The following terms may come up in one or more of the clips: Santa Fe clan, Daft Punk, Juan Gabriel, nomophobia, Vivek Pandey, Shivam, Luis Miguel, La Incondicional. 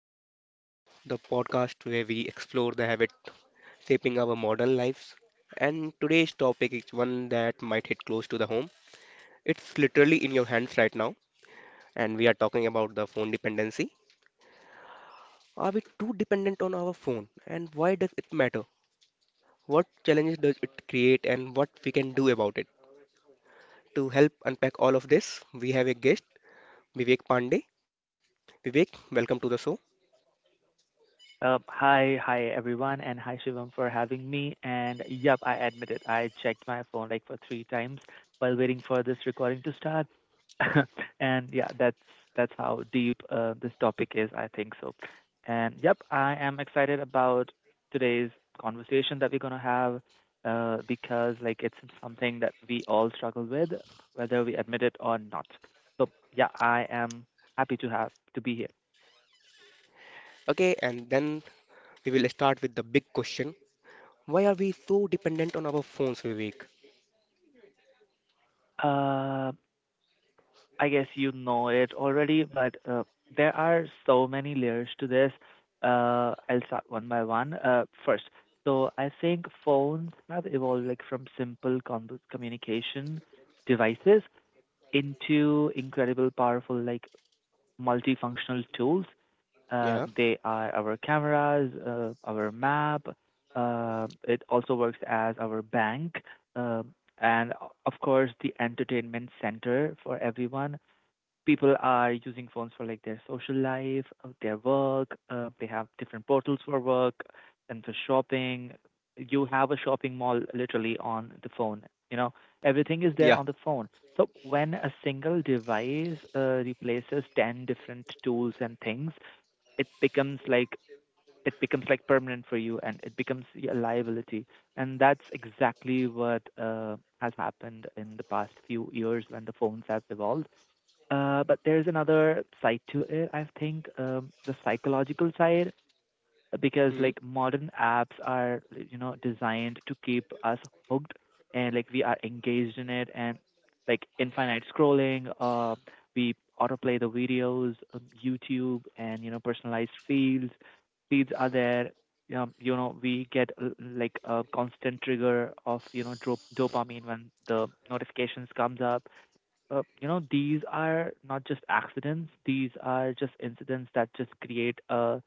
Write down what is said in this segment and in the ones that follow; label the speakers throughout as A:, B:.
A: back to our show, the podcast where we explore the habit shaping our modern lives. And today's topic is one that might hit close to the home. It's literally in your hands right now, and we are talking about the phone dependency. Are we too dependent on our phone, and why does it matter? What challenges does it create, and what we can do about it? To help unpack all of this, we have a guest, Vivek Pandey. Vivek, welcome to the show.
B: Hi everyone, and hi Shivam for having me. And yep, I admit it. I checked my phone like for three times while waiting for this recording to start. And yeah, that's how deep this topic is, I think so. And yep, I am excited about today's conversation that we're gonna have because like it's something that we all struggle with, whether we admit it or not. So yeah, I am happy to have to be here.
A: Okay, and then we will start with the big question. Why are we so dependent on our phones, Vivek?
B: Um, I guess you know it already, but there are so many layers to this. I'll start one by one. First, so I think phones have evolved like from simple communication devices into incredible, powerful, like multifunctional tools.
A: Yeah.
B: They are our cameras, our map. It also works as our bank, um, and of course the entertainment center for everyone. People are using phones for like their social life, their work. They have different portals for work and for shopping. You have a shopping mall literally on the phone. You know, everything is there
A: Yeah.
B: on the phone. So when a single device replaces 10 different tools and things, it becomes like it becomes like permanent for you, and it becomes a liability, and that's exactly what has happened in the past few years when the phones have evolved, but there's another side to it, I think, the psychological side, because
A: Hmm.
B: like modern apps are, you know, designed to keep us hooked, and like we are engaged in it, and like infinite scrolling, we autoplay the videos, YouTube and, you know, personalized feeds. Feeds are there. You know, we get like a constant trigger of, you know, dopamine when the notifications comes up. Uh, you know, these are not just accidents, these are just incidents that just create a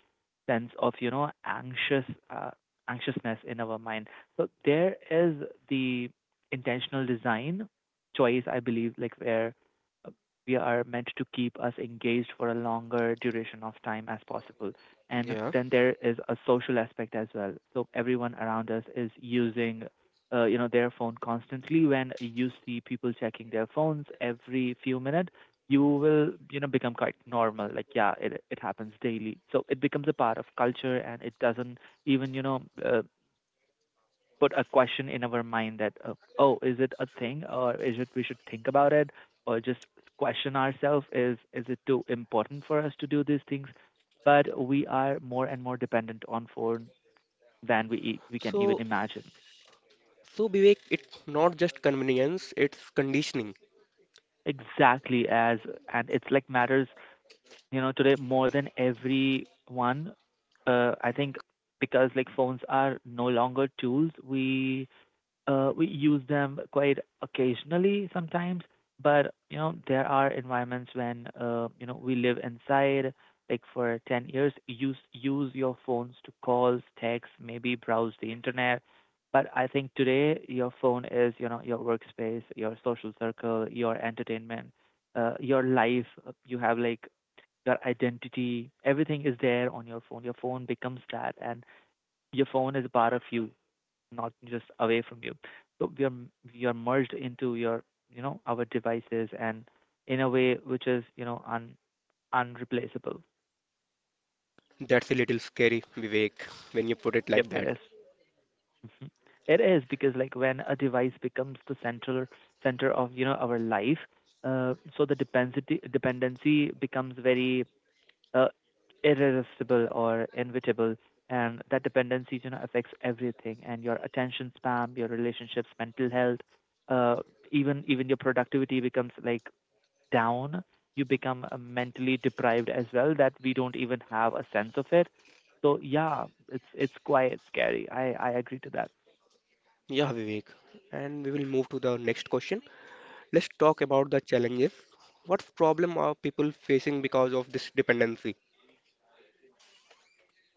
B: sense of, you know, uh, anxiousness in our mind. So there is the intentional design choice, I believe, like where uh, we are meant to keep us engaged for a longer duration of time as possible. And
A: Yeah.
B: then there is a social aspect as well. So everyone around us is using you know their phone constantly. When you see people checking their phones every few minutes, you will you know become quite normal, like yeah, it happens daily, so it becomes a part of culture, and it doesn't even you know put a question in our mind that oh, is it a thing, or is it we should think about it, or just question ourselves, is it too important for us to do these things? But we are more and more dependent on phone than we we can even
A: So,
B: imagine.
A: so Vivek, it's not just convenience, it's conditioning.
B: Exactly, as and it's like matters, you know, today more than everyone. I think because like phones are no longer tools, we use them quite occasionally sometimes, but you know there are environments when you know we live inside. Like for 10 years, use your phones to calls, text, maybe browse the internet. But I think today your phone is you know your workspace, your social circle, your entertainment, your life. You have like your identity. Everything is there on your phone. Your phone becomes that, and your phone is a part of you, not just away from you. So we are merged into your you know our devices, and in a way which is you know un unreplaceable.
A: That's a little scary, Vivek, when you put it
B: Yep,
A: like
B: it
A: that.
B: is. Mhm. It is because like when a device becomes the central center of you know our life, so the dependency becomes very uh, irresistible or inevitable, and that dependency you know affects everything, and your attention spam, your relationships, mental health, uh, even your productivity becomes like down. You become mentally deprived as well, that we don't even have a sense of it. So yeah, it's quite scary. I agree to that.
A: Yeah, Vivek. And we will move to the next question. Let's talk about the challenges. What problem are people facing because of this dependency?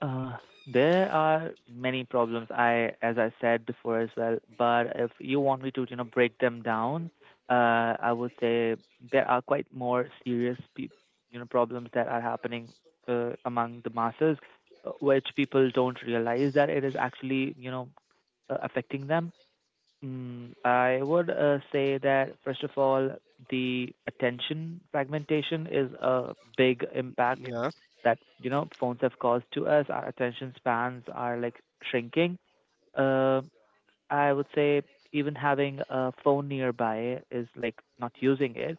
B: Uh, there are many problems, I as I said before as well, but if you want me to, you know, break them down, I would say there are quite more serious you know problems that are happening among the masses, which people don't realize that it is actually, you know, affecting them. I would say that, first of all, the attention fragmentation is a big impact
A: Yeah.
B: that, you know, phones have caused to us. Our attention spans are like shrinking. Uh, I would say even having a phone nearby is like not using it.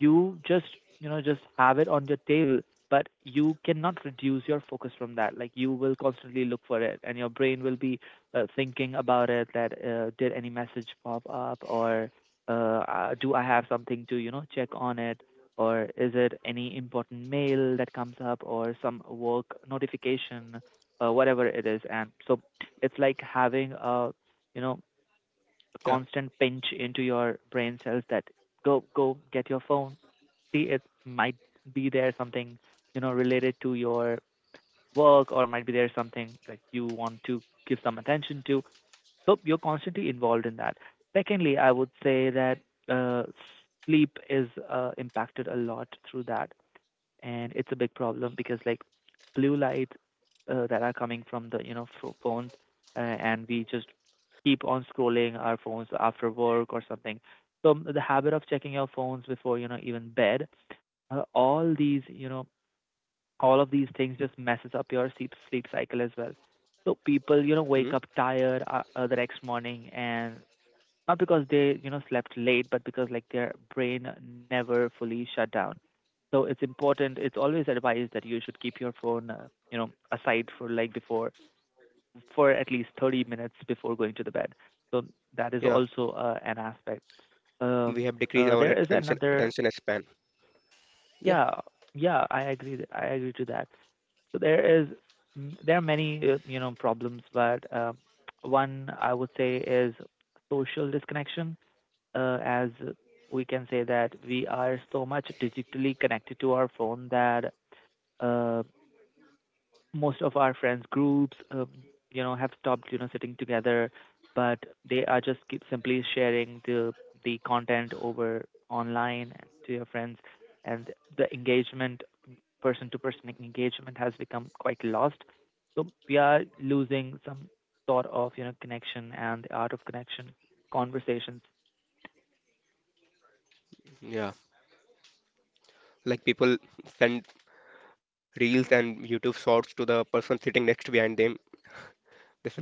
B: You just you know just have it on your table, but you cannot reduce your focus from that. Like you will constantly look for it, and your brain will be thinking about it, that did any message pop up, or do I have something to you know check on it, or is it any important mail that comes up, or some work notification, whatever it is. And so it's like having a you know a
A: Yeah.
B: constant pinch into your brain cells, that go go get your phone, it might be there something you know related to your work, or might be there something that you want to give some attention to. So you're constantly involved in that. Secondly, I would say that uh, sleep is impacted a lot through that, and it's a big problem because like blue light that are coming from the you know phones, and we just keep on scrolling our phones after work or something. So the habit of checking your phones before you know even bed, all these you know all of these things just messes up your sleep cycle as well. So people you know
A: Hmm.
B: wake up tired the next morning, and not because they you know slept late, but because like their brain never fully shut down. So it's important, it's always advised that you should keep your phone you know aside for like before for at least 30 minutes before going to the bed. So that is
A: Yeah.
B: also an aspect. um
A: We have decreased our
B: there is
A: attention
B: another,
A: attention span. Yeah.
B: yeah, yeah, I agree, I agree to that. So there is there are many you know problems, but one I would say is social disconnection, as we can say that we are so much digitally connected to our phone that uh, most of our friends groups you know have stopped you know sitting together, but they are just keep simply sharing the content over online and to your friends, and the engagement, person-to-person engagement has become quite lost. So we are losing some sort of, you know, connection, and the art of connection, conversations.
A: Yeah. Like people send reels and YouTube shorts to the person sitting next behind them.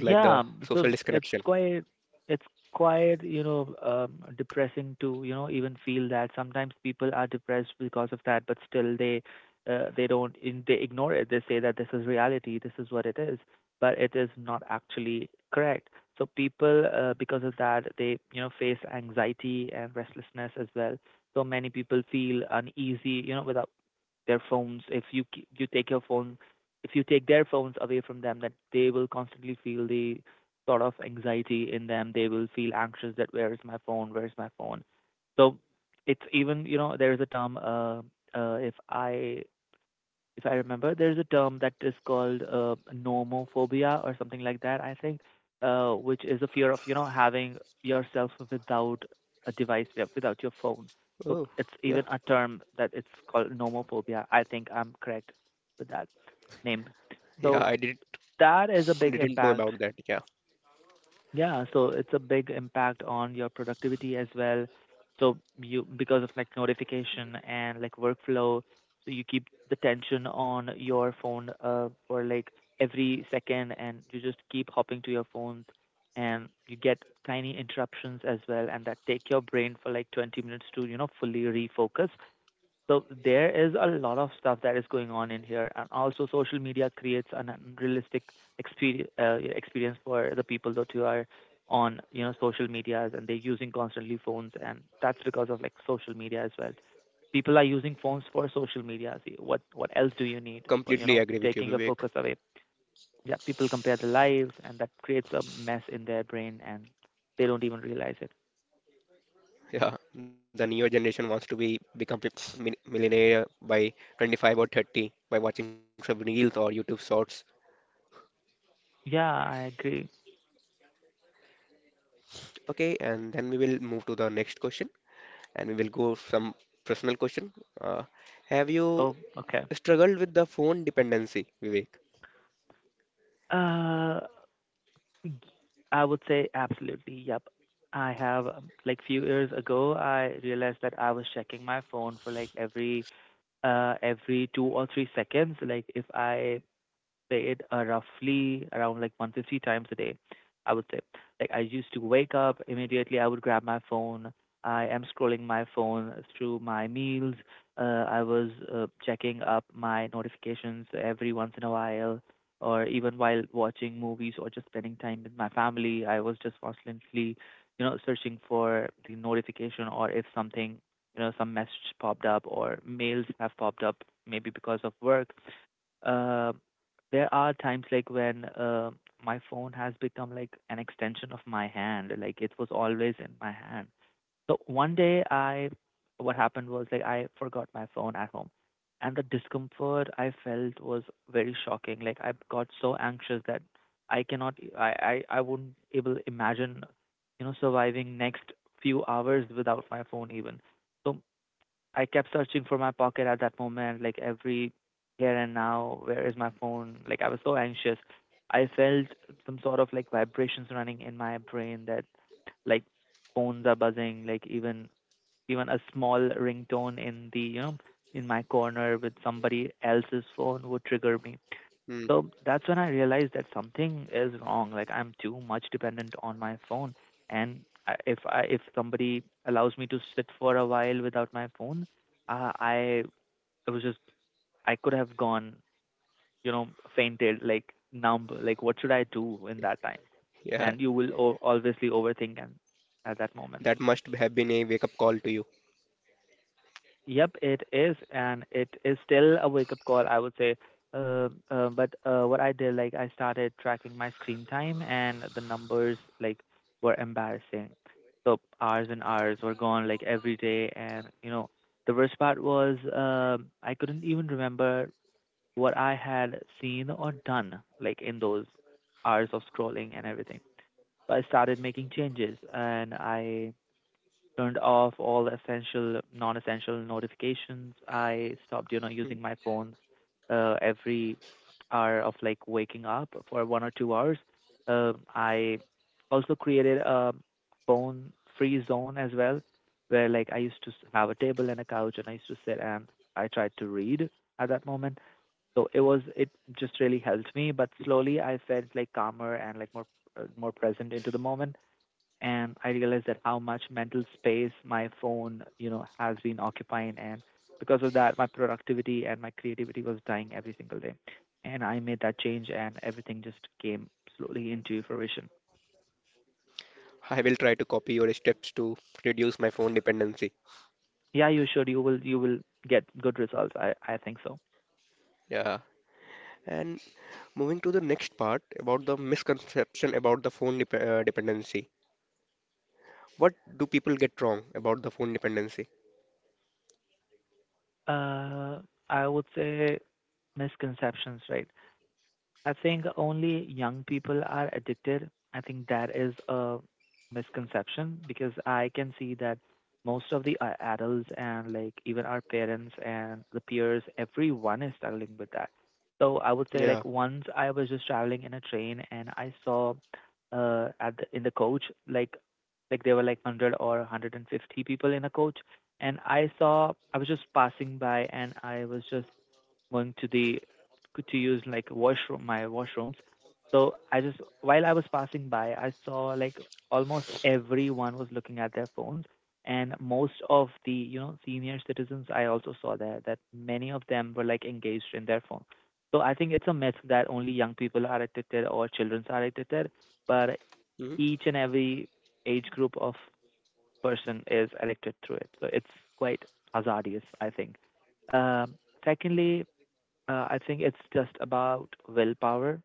A: This is like the
B: so
A: social
B: it's
A: disconnection.
B: quite it's quite, you know, depressing to, you know, even feel that sometimes people are depressed because of that, but still they don't in, they ignore it. They say that this is reality, this is what it is, but it is not actually correct. So people, because of that, they, you know, face anxiety and restlessness as well. So many people feel uneasy, you know, without their phones. If you you take your phone, if you take their phones away from them, that they will constantly feel the sort of anxiety in them. They will feel anxious that where is my phone, where is my phone. So it's even you know there is a term, uh if i if I remember, there's a term that is called nomophobia or something like that, I think, which is a fear of, you know, having yourself without a device, without your phone. So
A: Oh,
B: it's even
A: yeah,
B: a term that it's called nomophobia. I think I'm correct with that name.
A: yeah.
B: So
A: I did
B: that is a big
A: didn't know
B: impact.
A: about that. Yeah,
B: Yeah, so it's a big impact on your productivity as well. So you, because of like notification and like workflow, so you keep the tension on your phone for like every second, and you just keep hopping to your phones, and you get tiny interruptions as well, and that take your brain for like 20 minutes to, you know, fully refocus. So there is a lot of stuff that is going on in here, and also social media creates an unrealistic experience for the people, that you are on you know social medias, and they're using constantly phones, and that's because of like social media as well. People are using phones for social media. See, what else do you need for you
A: completely
B: know
A: agree with you,
B: taking your
A: Vivek.
B: focus away? Yeah, people compare their lives, and that creates a mess in their brain, and they don't even realize it.
A: Yeah, the neo generation wants to be become millionaire by 25 or 30 by watching some reels or YouTube shorts.
B: Yeah, I agree.
A: Okay, and then we will move to the next question, and we will go some personal question. Uh, have you
B: Oh, okay.
A: struggled with the phone dependency, Vivek?
B: Uh, I would say absolutely. Yep. I have like few years ago, I realized that I was checking my phone for like every every 2 or 3 seconds. Like if I played roughly around like 150 times a day, I would say. Like I used to wake up immediately, I would grab my phone. I am scrolling my phone through my meals. Uh, I was checking up my notifications every once in a while, or even while watching movies or just spending time with my family. I was just constantly, searching for the notification, or if something some message popped up or mails have popped up maybe because of work. uh, there are times like when my phone has become like an extension of my hand. Like it was always in my hand. So one day what happened was like I forgot my phone at home, and the discomfort I felt was very shocking. Like I got so anxious that I cannot, I wouldn't able imagine, surviving next few hours without my phone even. So I kept searching for my pocket at that moment, like every here and now, where is my phone? Like I was so anxious. I felt some sort of like vibrations running in my brain that like phones are buzzing, like even a small ringtone in the you know in my corner with somebody else's phone would trigger me.
A: Hmm.
B: So that's when I realized that something is wrong. Like I'm too much dependent on my phone, and I if somebody allows me to sit for a while without my phone, I it was just I could have gone, you know, fainted, like numb. Like what should I do in that time?
A: Yeah,
B: And you will obviously overthink and at that moment.
A: that must have been a wake up call to you.
B: Yep, it is, and it is still a wake-up call, I would say. But what I did, like, I started tracking my screen time, and the numbers, like, were embarrassing. So hours and hours were gone, like, every day, and the worst part was, I couldn't even remember what I had seen or done, like, in those hours of scrolling and everything. So I started making changes, and I turned off all essential, non-essential notifications. I stopped,
A: Hmm.
B: using my phones every hour of like waking up for 1 or 2 hours. I also created a phone-free zone as well, where like I used to have a table and a couch, and I used to sit, and I tried to read at that moment. So it just really helped me. But slowly, I felt like calmer and like more present into the moment, and I realized that how much mental space my phone, has been occupying, and because of that, my productivity and my creativity was dying every single day. And I made that change, and everything just came slowly into fruition.
A: I will try to copy your steps to reduce my phone dependency.
B: Yeah, you should. You will. You will get good results. I think so.
A: Yeah. And moving to the next part about the misconception about the phone dependency. What do people get wrong about the phone dependency?
B: Uh, I would say misconceptions, right? I think only young people are addicted. I think that is a misconception because I can see that most of the adults and like even our parents and the peers, everyone is struggling with that. So I would
A: Yeah.
B: say like once I was just traveling in a train, and I saw in the coach like there were like 100 or 150 people in a coach, and I was just passing by, and I was just going to use like washroom my washrooms. So I just while I was passing by, I saw like almost everyone was looking at their phones, and most of the senior citizens I also saw there, that many of them were like engaged in their phone. So I think it's a myth that only young people are addicted or children are addicted, but
A: Hmm.
B: each and every age group of person is addicted through it. So it's quite hazardous, I think. Um, secondly, I think it's just about willpower.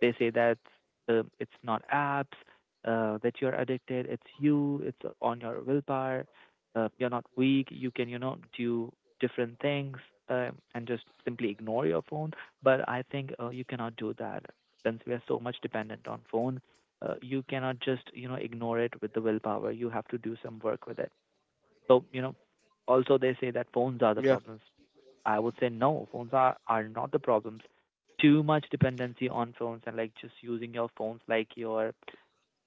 B: They say that it's not apps that you're addicted. It's you. It's on your willpower. You're not weak. You can, do different things and just simply ignore your phone. But I think you cannot do that since we are so much dependent on phone. You cannot just, ignore it with the willpower. You have to do some work with it. So, also they say that phones are the
A: Yeah.
B: problems. I would say no, phones are not the problems. Too much dependency on phones and like just using your phones like your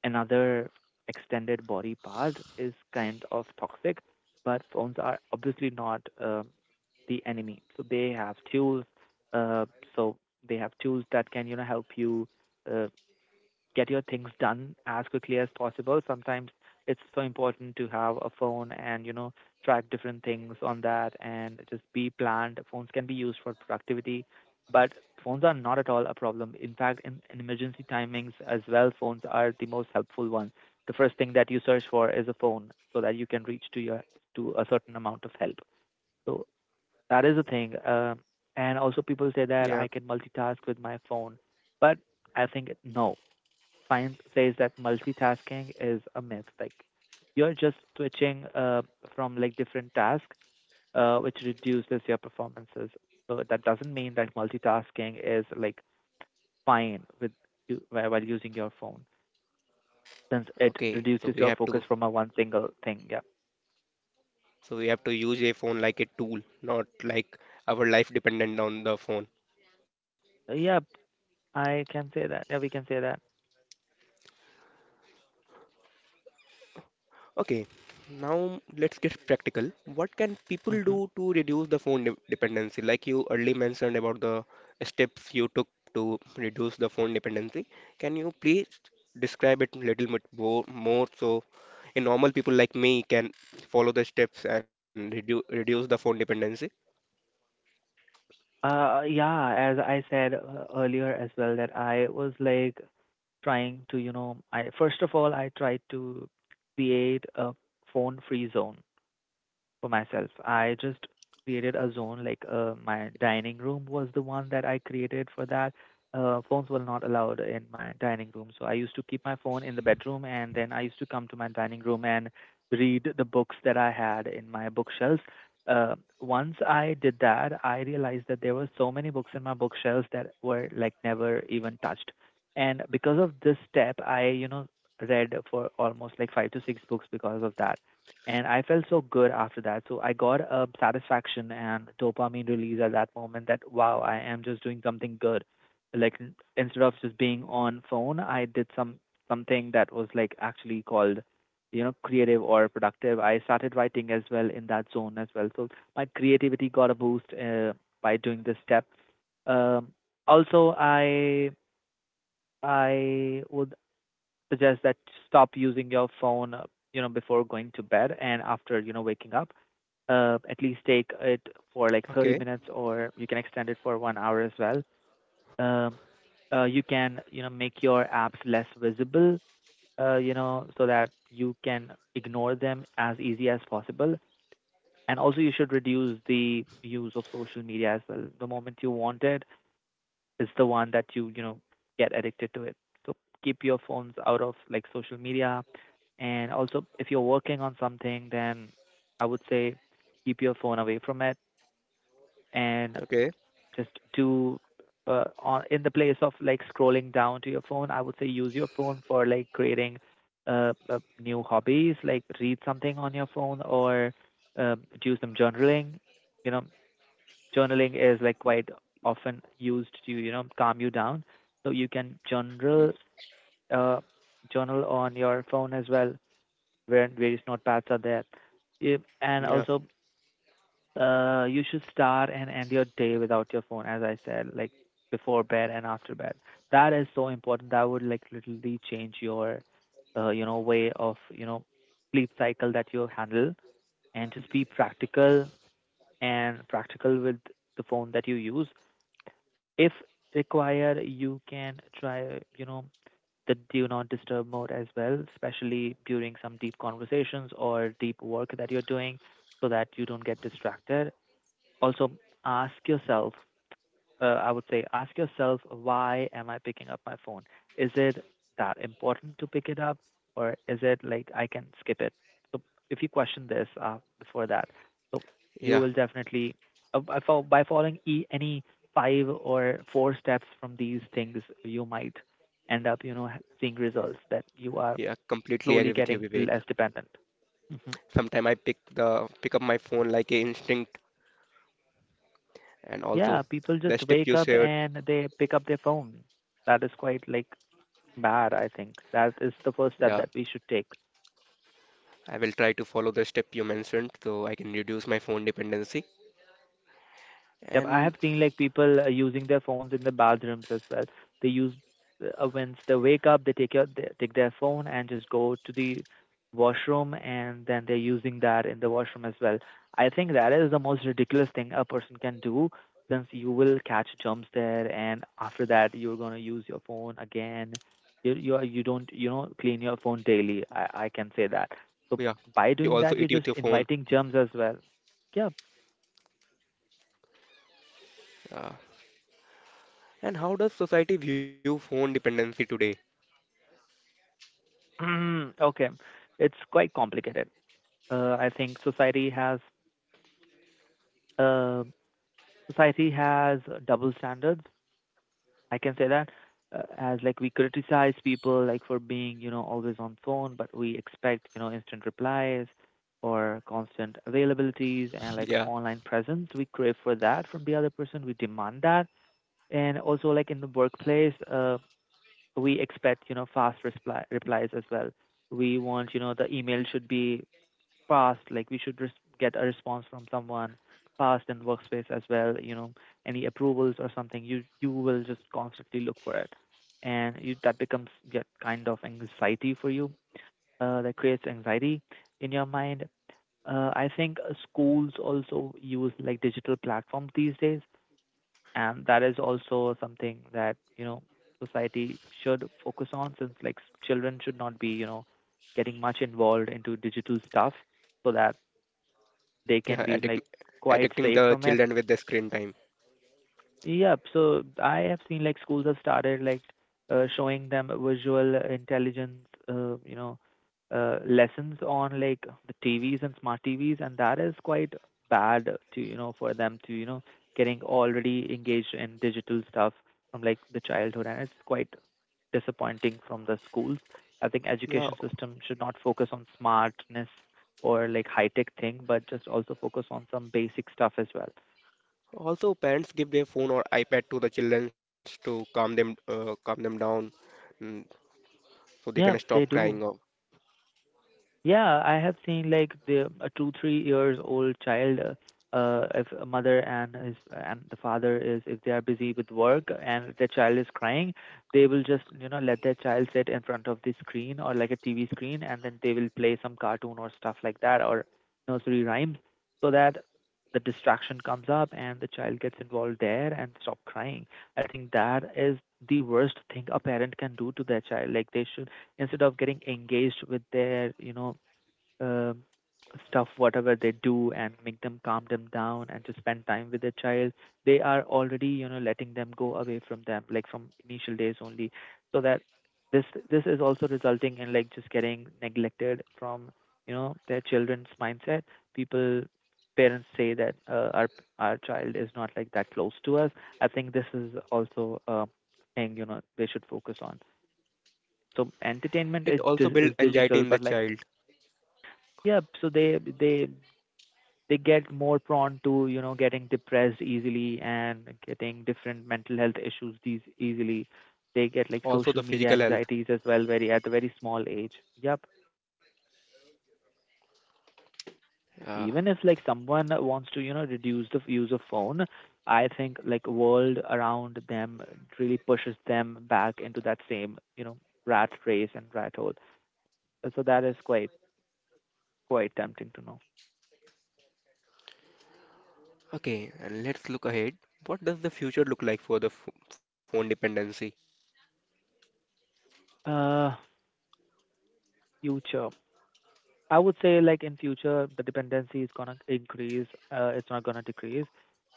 B: another extended body part is kind of toxic. But phones are obviously not the enemy. So they have tools. Uh, so they have tools that can help you. Uh, get your things done as quickly as possible. Sometimes it's so important to have a phone and, track different things on that and just be planned. Phones can be used for productivity, but phones are not at all a problem. In fact, in emergency timings as well, phones are the most helpful one. The first thing that you search for is a phone so that you can reach to a certain amount of help. So that is the thing. And also people say that
A: Yeah.
B: I can multitask with my phone, but I think no find says that multitasking is a myth. Like you're just switching from like different tasks, which reduces your performances. So that doesn't mean that multitasking is like fine with you while using your phone, since it
A: Okay.
B: reduces your focus from a one single thing. Yeah.
A: So we have to use a phone like a tool, not like our life dependent on the phone.
B: Yep, I can say that. Yeah, we can say that.
A: Okay, now let's get practical. What can people
B: Hmm.
A: do to reduce the phone dependency? Like you early mentioned about the steps you took to reduce the phone dependency. Can you please describe it a little bit more, more so a normal people like me can follow the steps and reduce the phone dependency?
B: Yeah, as I said earlier as well, that I was like trying to, I first of all I tried to create a phone free zone for myself. I just created a zone like my dining room was the one that I created for that. Phones were not allowed in my dining room, so I used to keep my phone in the bedroom, and then I used to come to my dining room and read the books that I had in my bookshelves. Uh, once I did that, I realized that there were so many books in my bookshelves that were like never even touched. And because of this step, I, read for almost like five to six books because of that. And I felt so good after that. So I got a satisfaction and dopamine release at that moment that wow, I am just doing something good. Like instead of just being on phone, I did something that was like actually called, creative or productive. I started writing as well in that zone as well. So my creativity got a boost by doing this step. Um, also, I would suggest that stop using your phone, before going to bed and after, waking up, at least take it for like 30
A: Okay,
B: minutes or you can extend it for 1 hour as well. Um, you can, make your apps less visible, so that you can ignore them as easy as possible. And also, you should reduce the use of social media as well. The moment you want it, it's the one that you, get addicted to it. So keep your phones out of like social media. And also, if you're working on something, then I would say keep your phone away from it, and
A: okay.
B: just do on in the place of like scrolling down to your phone, I would say use your phone for like creating new hobbies, like read something on your phone or do some journaling. You know, journaling is like quite often used to calm you down, so you can uh, journal on your phone as well, where various notepads are there. If and
A: Yeah,
B: also you should start and end your day without your phone, as I said, like before bed and after bed. That is so important. That would like literally change your, way of sleep cycle that you handle, and just be practical and practical with the phone that you use. If required, you can try, the do not disturb mode as well, especially during some deep conversations or deep work that you're doing, so that you don't get distracted. Also, ask yourself, I would say, ask yourself, why am I picking up my phone? Is it that important to pick it up, or is it like I can skip it? So, if you question this before that, so you
A: yeah,
B: will definitely, by following any five or four steps from these things, you might end up, seeing results that you are
A: yeah, completely agree
B: slowly
A: with you,
B: getting
A: Vivek.
B: less dependent. Mm-hmm.
A: Sometime I pick up my phone like a instinct and also
B: Yeah, people
A: the
B: just
A: step you
B: wake up
A: shared.
B: and they pick up their phone. That is quite like bad, I think. That is the first step
A: Yeah,
B: that we should take.
A: I will try to follow the step you mentioned so I can reduce my phone dependency.
B: Yep, I
A: And
B: have seen like people using their phones in the bathrooms as well. They use once they wake up, they take their phone and just go to the washroom, and then they're using that in the washroom as well. I think that is the most ridiculous thing a person can do, since you will catch germs there, and after that you're gonna use your phone again. You don't you know clean your phone daily. I can say that.
A: yeah,
B: So by
A: you
B: doing
A: also eat
B: that, you're
A: with your
B: just
A: phone.
B: inviting germs as well. Yeah,
A: Yeah. And how does society view phone dependency today?
B: mm, okay, it's quite complicated. I think uh, society has double standards. I can say that, as like we criticize people like for being you know always on phone, but we expect you know instant replies or constant availabilities and like
A: Yeah,
B: online presence. We crave for that from the other person. We demand that, and also like in the workplace, we expect you know fast reply replies as well. We want you know the email should be fast, like we should get a response from someone fast in workspace as well, you know, any approvals or something, you will just constantly look for it. And you, that becomes get kind of anxiety for you, that creates anxiety in your mind. I think Schools also use like digital platforms these days, and that is also something that, you know, society should focus on since like children should not be, you know, getting much involved into digital stuff so that they can
A: yeah,
B: be
A: addict,
B: like quite
A: addicting
B: safe
A: the
B: from it.
A: children with the screen time.
B: Yep. So I have seen like schools have started like showing them visual intelligence, lessons on like the TVs and smart TVs, and that is quite bad to you know for them to you know getting already engaged in digital stuff from like the childhood, and it's quite disappointing from the schools. I think
A: Yeah,
B: education system should not focus on smartness or like high tech thing, but just also focus on some basic stuff as well.
A: also parents give their phone or iPad to the children to calm them down, mm, so they can
B: Yeah,
A: stop
B: they
A: crying. Out.
B: do. Yeah, I have seen like the a two, 3 years old child, if a mother and his and the father is if they are busy with work and their child is crying, they will just you know let their child sit in front of the screen or like a TV screen, and then they will play some cartoon or stuff like that or nursery rhymes, so that the distraction comes up and the child gets involved there and stop crying. I think that is the worst thing a parent can do to their child. Like they should instead of getting engaged with their you know um stuff whatever they do and make them calm them down and to spend time with the child, they are already you know letting them go away from them like from initial days only, so that this this is also resulting in like just getting neglected from you know their children's mindset. People Parents say that, our child is not like that close to us. I think this is also a thing you know they should focus on. So
A: It
B: entertainment
A: also
B: is
A: builds
B: is
A: anxiety in the
B: digital, but like
A: child.
B: yeah, so they they get more prone to you know getting depressed easily and getting different mental health issues these easily. They get like
A: Also the
B: social media
A: physical health.
B: anxieties as well very at a very small age. Yep.
A: Yeah.
B: Even if like someone wants to you know reduce the use of phone, I think like world around them really pushes them back into that same you know rat race and rat hole. So that is quite quite tempting to know.
A: Okay, and let's look ahead. What does the future look like for the ph phone dependency?
B: Future. I would say like in future the dependency is gonna increase. It's not gonna decrease.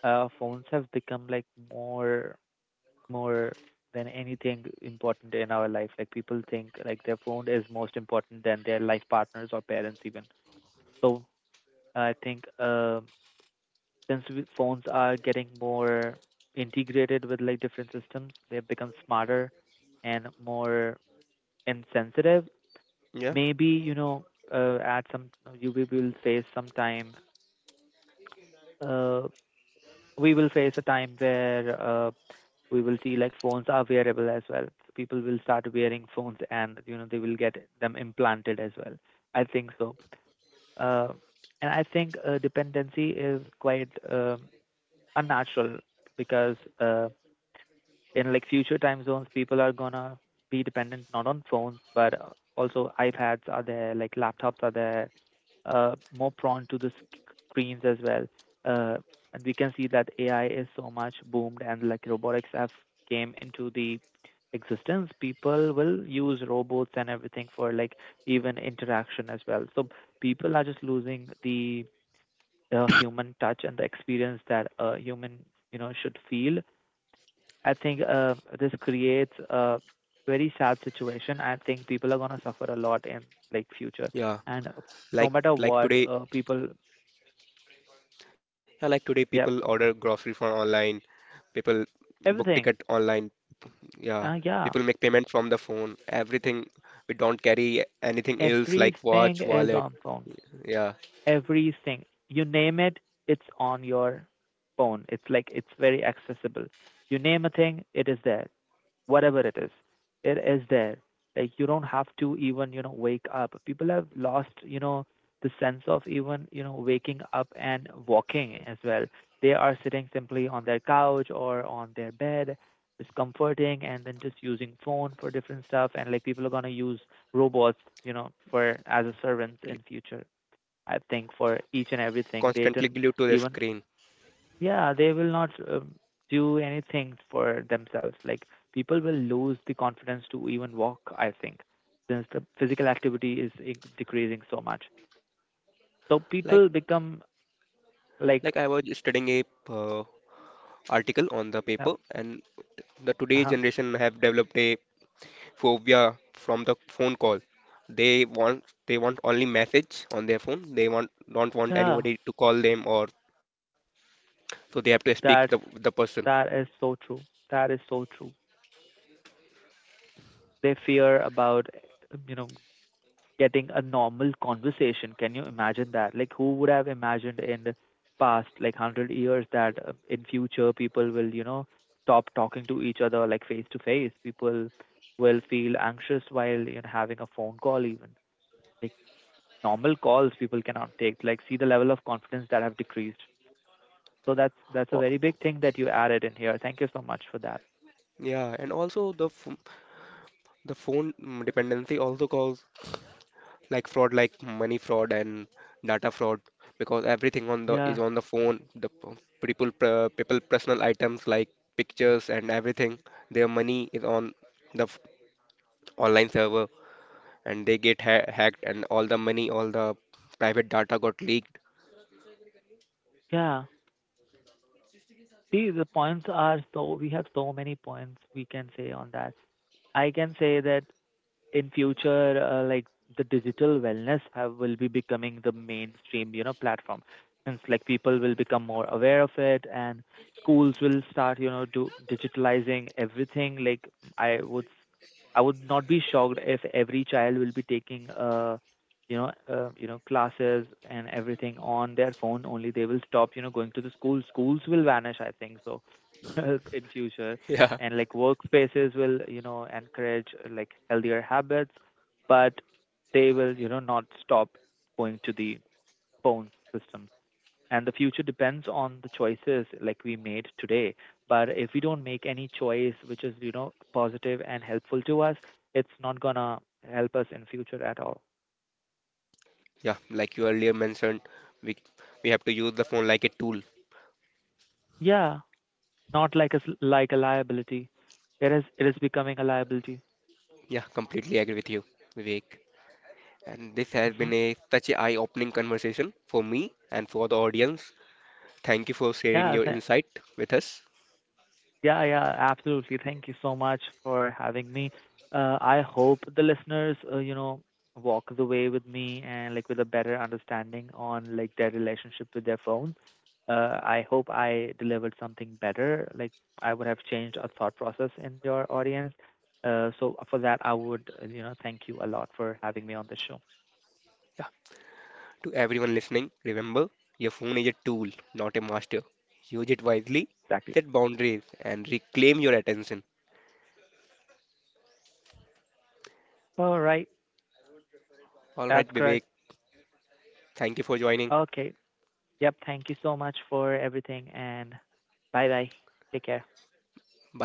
B: Phones have become like more more than anything important in our life. Like people think like their phone is most important than their life partners or parents even. So I think, phones are getting more integrated with like different systems, they've become smarter and more insensitive.
A: Yeah,
B: Maybe you know, at some you we will face some time uh, we will face a time where, we will see like phones are wearable as well. So people will start wearing phones and you know they will get them implanted as well. I think so. Uh, and I think Dependency is quite unnatural, because, in like future time zones, people are gonna be dependent not on phones, but, also iPads are there, like laptops are there, more prone to the screens as well. Uh, and we can see that AI is so much boomed, and like robotics have came into the existence. People will use robots and everything for like even interaction as well. So people are just losing the, human touch and the experience that a human you know should feel. I think, this creates a very sad situation. I think people are gonna suffer a lot in like future,
A: yeah.
B: and, no
A: Like
B: matter
A: like
B: what,
A: today,
B: people,
A: yeah, like today
B: yep,
A: people order grocery from online, people book
B: everything,
A: ticket online, yeah.
B: yeah,
A: People make payment from the phone. Everything we don't carry anything else like
B: everything
A: watch,
B: is
A: wallet,
B: on phone.
A: yeah.
B: Everything you name it, it's on your phone. It's like it's very accessible. You name a thing, it is there. Whatever it is, it is there. Like you don't have to even you know wake up. People have lost you know the sense of even you know waking up and walking as well. They are sitting simply on their couch or on their bed, just comforting and then just using phone for different stuff, and like people are going to use robots you know for as a servants in future. I think for each and everything they
A: Constantly
B: didn't
A: glued to the
B: even
A: screen.
B: yeah, they will not, do anything for themselves. Like people will lose the confidence to even walk, I think, since the physical activity is decreasing so much. So
A: Like
B: people become like,
A: like I was studying a uh, article on the
B: uh,
A: paper and the today
B: uh-huh,
A: generation have developed a phobia from the phone call. They want only message on their phone. They want don't want
B: yeah,
A: anybody to call them or so they have to speak the
B: that's
A: with the person.
B: that is so true. That is so true. They fear about, you know, getting a normal conversation. Can you imagine that? Like, who would have imagined in the past, like 100 years, that, in future people will, you know, stop talking to each other like face to face? People will feel anxious while, you know, having a phone call even. Like normal calls people cannot take. Like, see the level of confidence that have decreased. So that's a
A: O-
B: very big thing that you added in here. Thank you so much for that.
A: Yeah, and also the the phone dependency also cause like fraud like money fraud and data fraud because everything on the is
B: Yeah,
A: on the phone. The p- people pr- People personal items like pictures and everything. Their money is on the online server and they get ha hacked and all the money, all the private data got leaked.
B: yeah. See, the points are so we have so many points we can say on that. I can say that in future, like the digital wellness have will be becoming the mainstream, you know, platform. Since like people will become more aware of it, and schools will start, you know, do digitalizing everything. Like I would, I would not be shocked if every child will be taking, you know, classes and everything on their phone only. They will stop, you know, going to the school. Schools will vanish, I think so, in future,
A: Yeah,
B: and like workspaces will you know encourage, like healthier habits, but they will you know not stop going to the phone system. And the future depends on the choices like we made today, but if we don't make any choice which is you know positive and helpful to us, it's not gonna help us in future at all.
A: yeah, like you earlier mentioned, we we have to use the phone like a tool.
B: Yeah, not like a like a liability. It is, it is becoming a liability.
A: Yeah, completely agree with you, Vivek. And this has
B: Hmm.
A: been a such a eye-opening conversation for me and for the audience. Thank you for sharing
B: Yeah.
A: your insight with us.
B: Yeah, yeah, absolutely. Thank you so much for having me. I hope the listeners, you know, walk away with me and like with a better understanding on like their relationship with their phone. I hope I delivered something better. Like I would have changed a thought process in your audience. So for that, I would, you know, thank you a lot for having me on the show.
A: Yeah, to everyone listening, remember your phone is a tool, not a master. Use it wisely,
B: Exactly.
A: set boundaries, and reclaim your attention.
B: All right,
A: All
B: that's
A: right,
B: correct.
A: Vivek, thank you for joining.
B: Okay. Yep. Thank you so much for everything and bye bye. Take care.
A: Bye.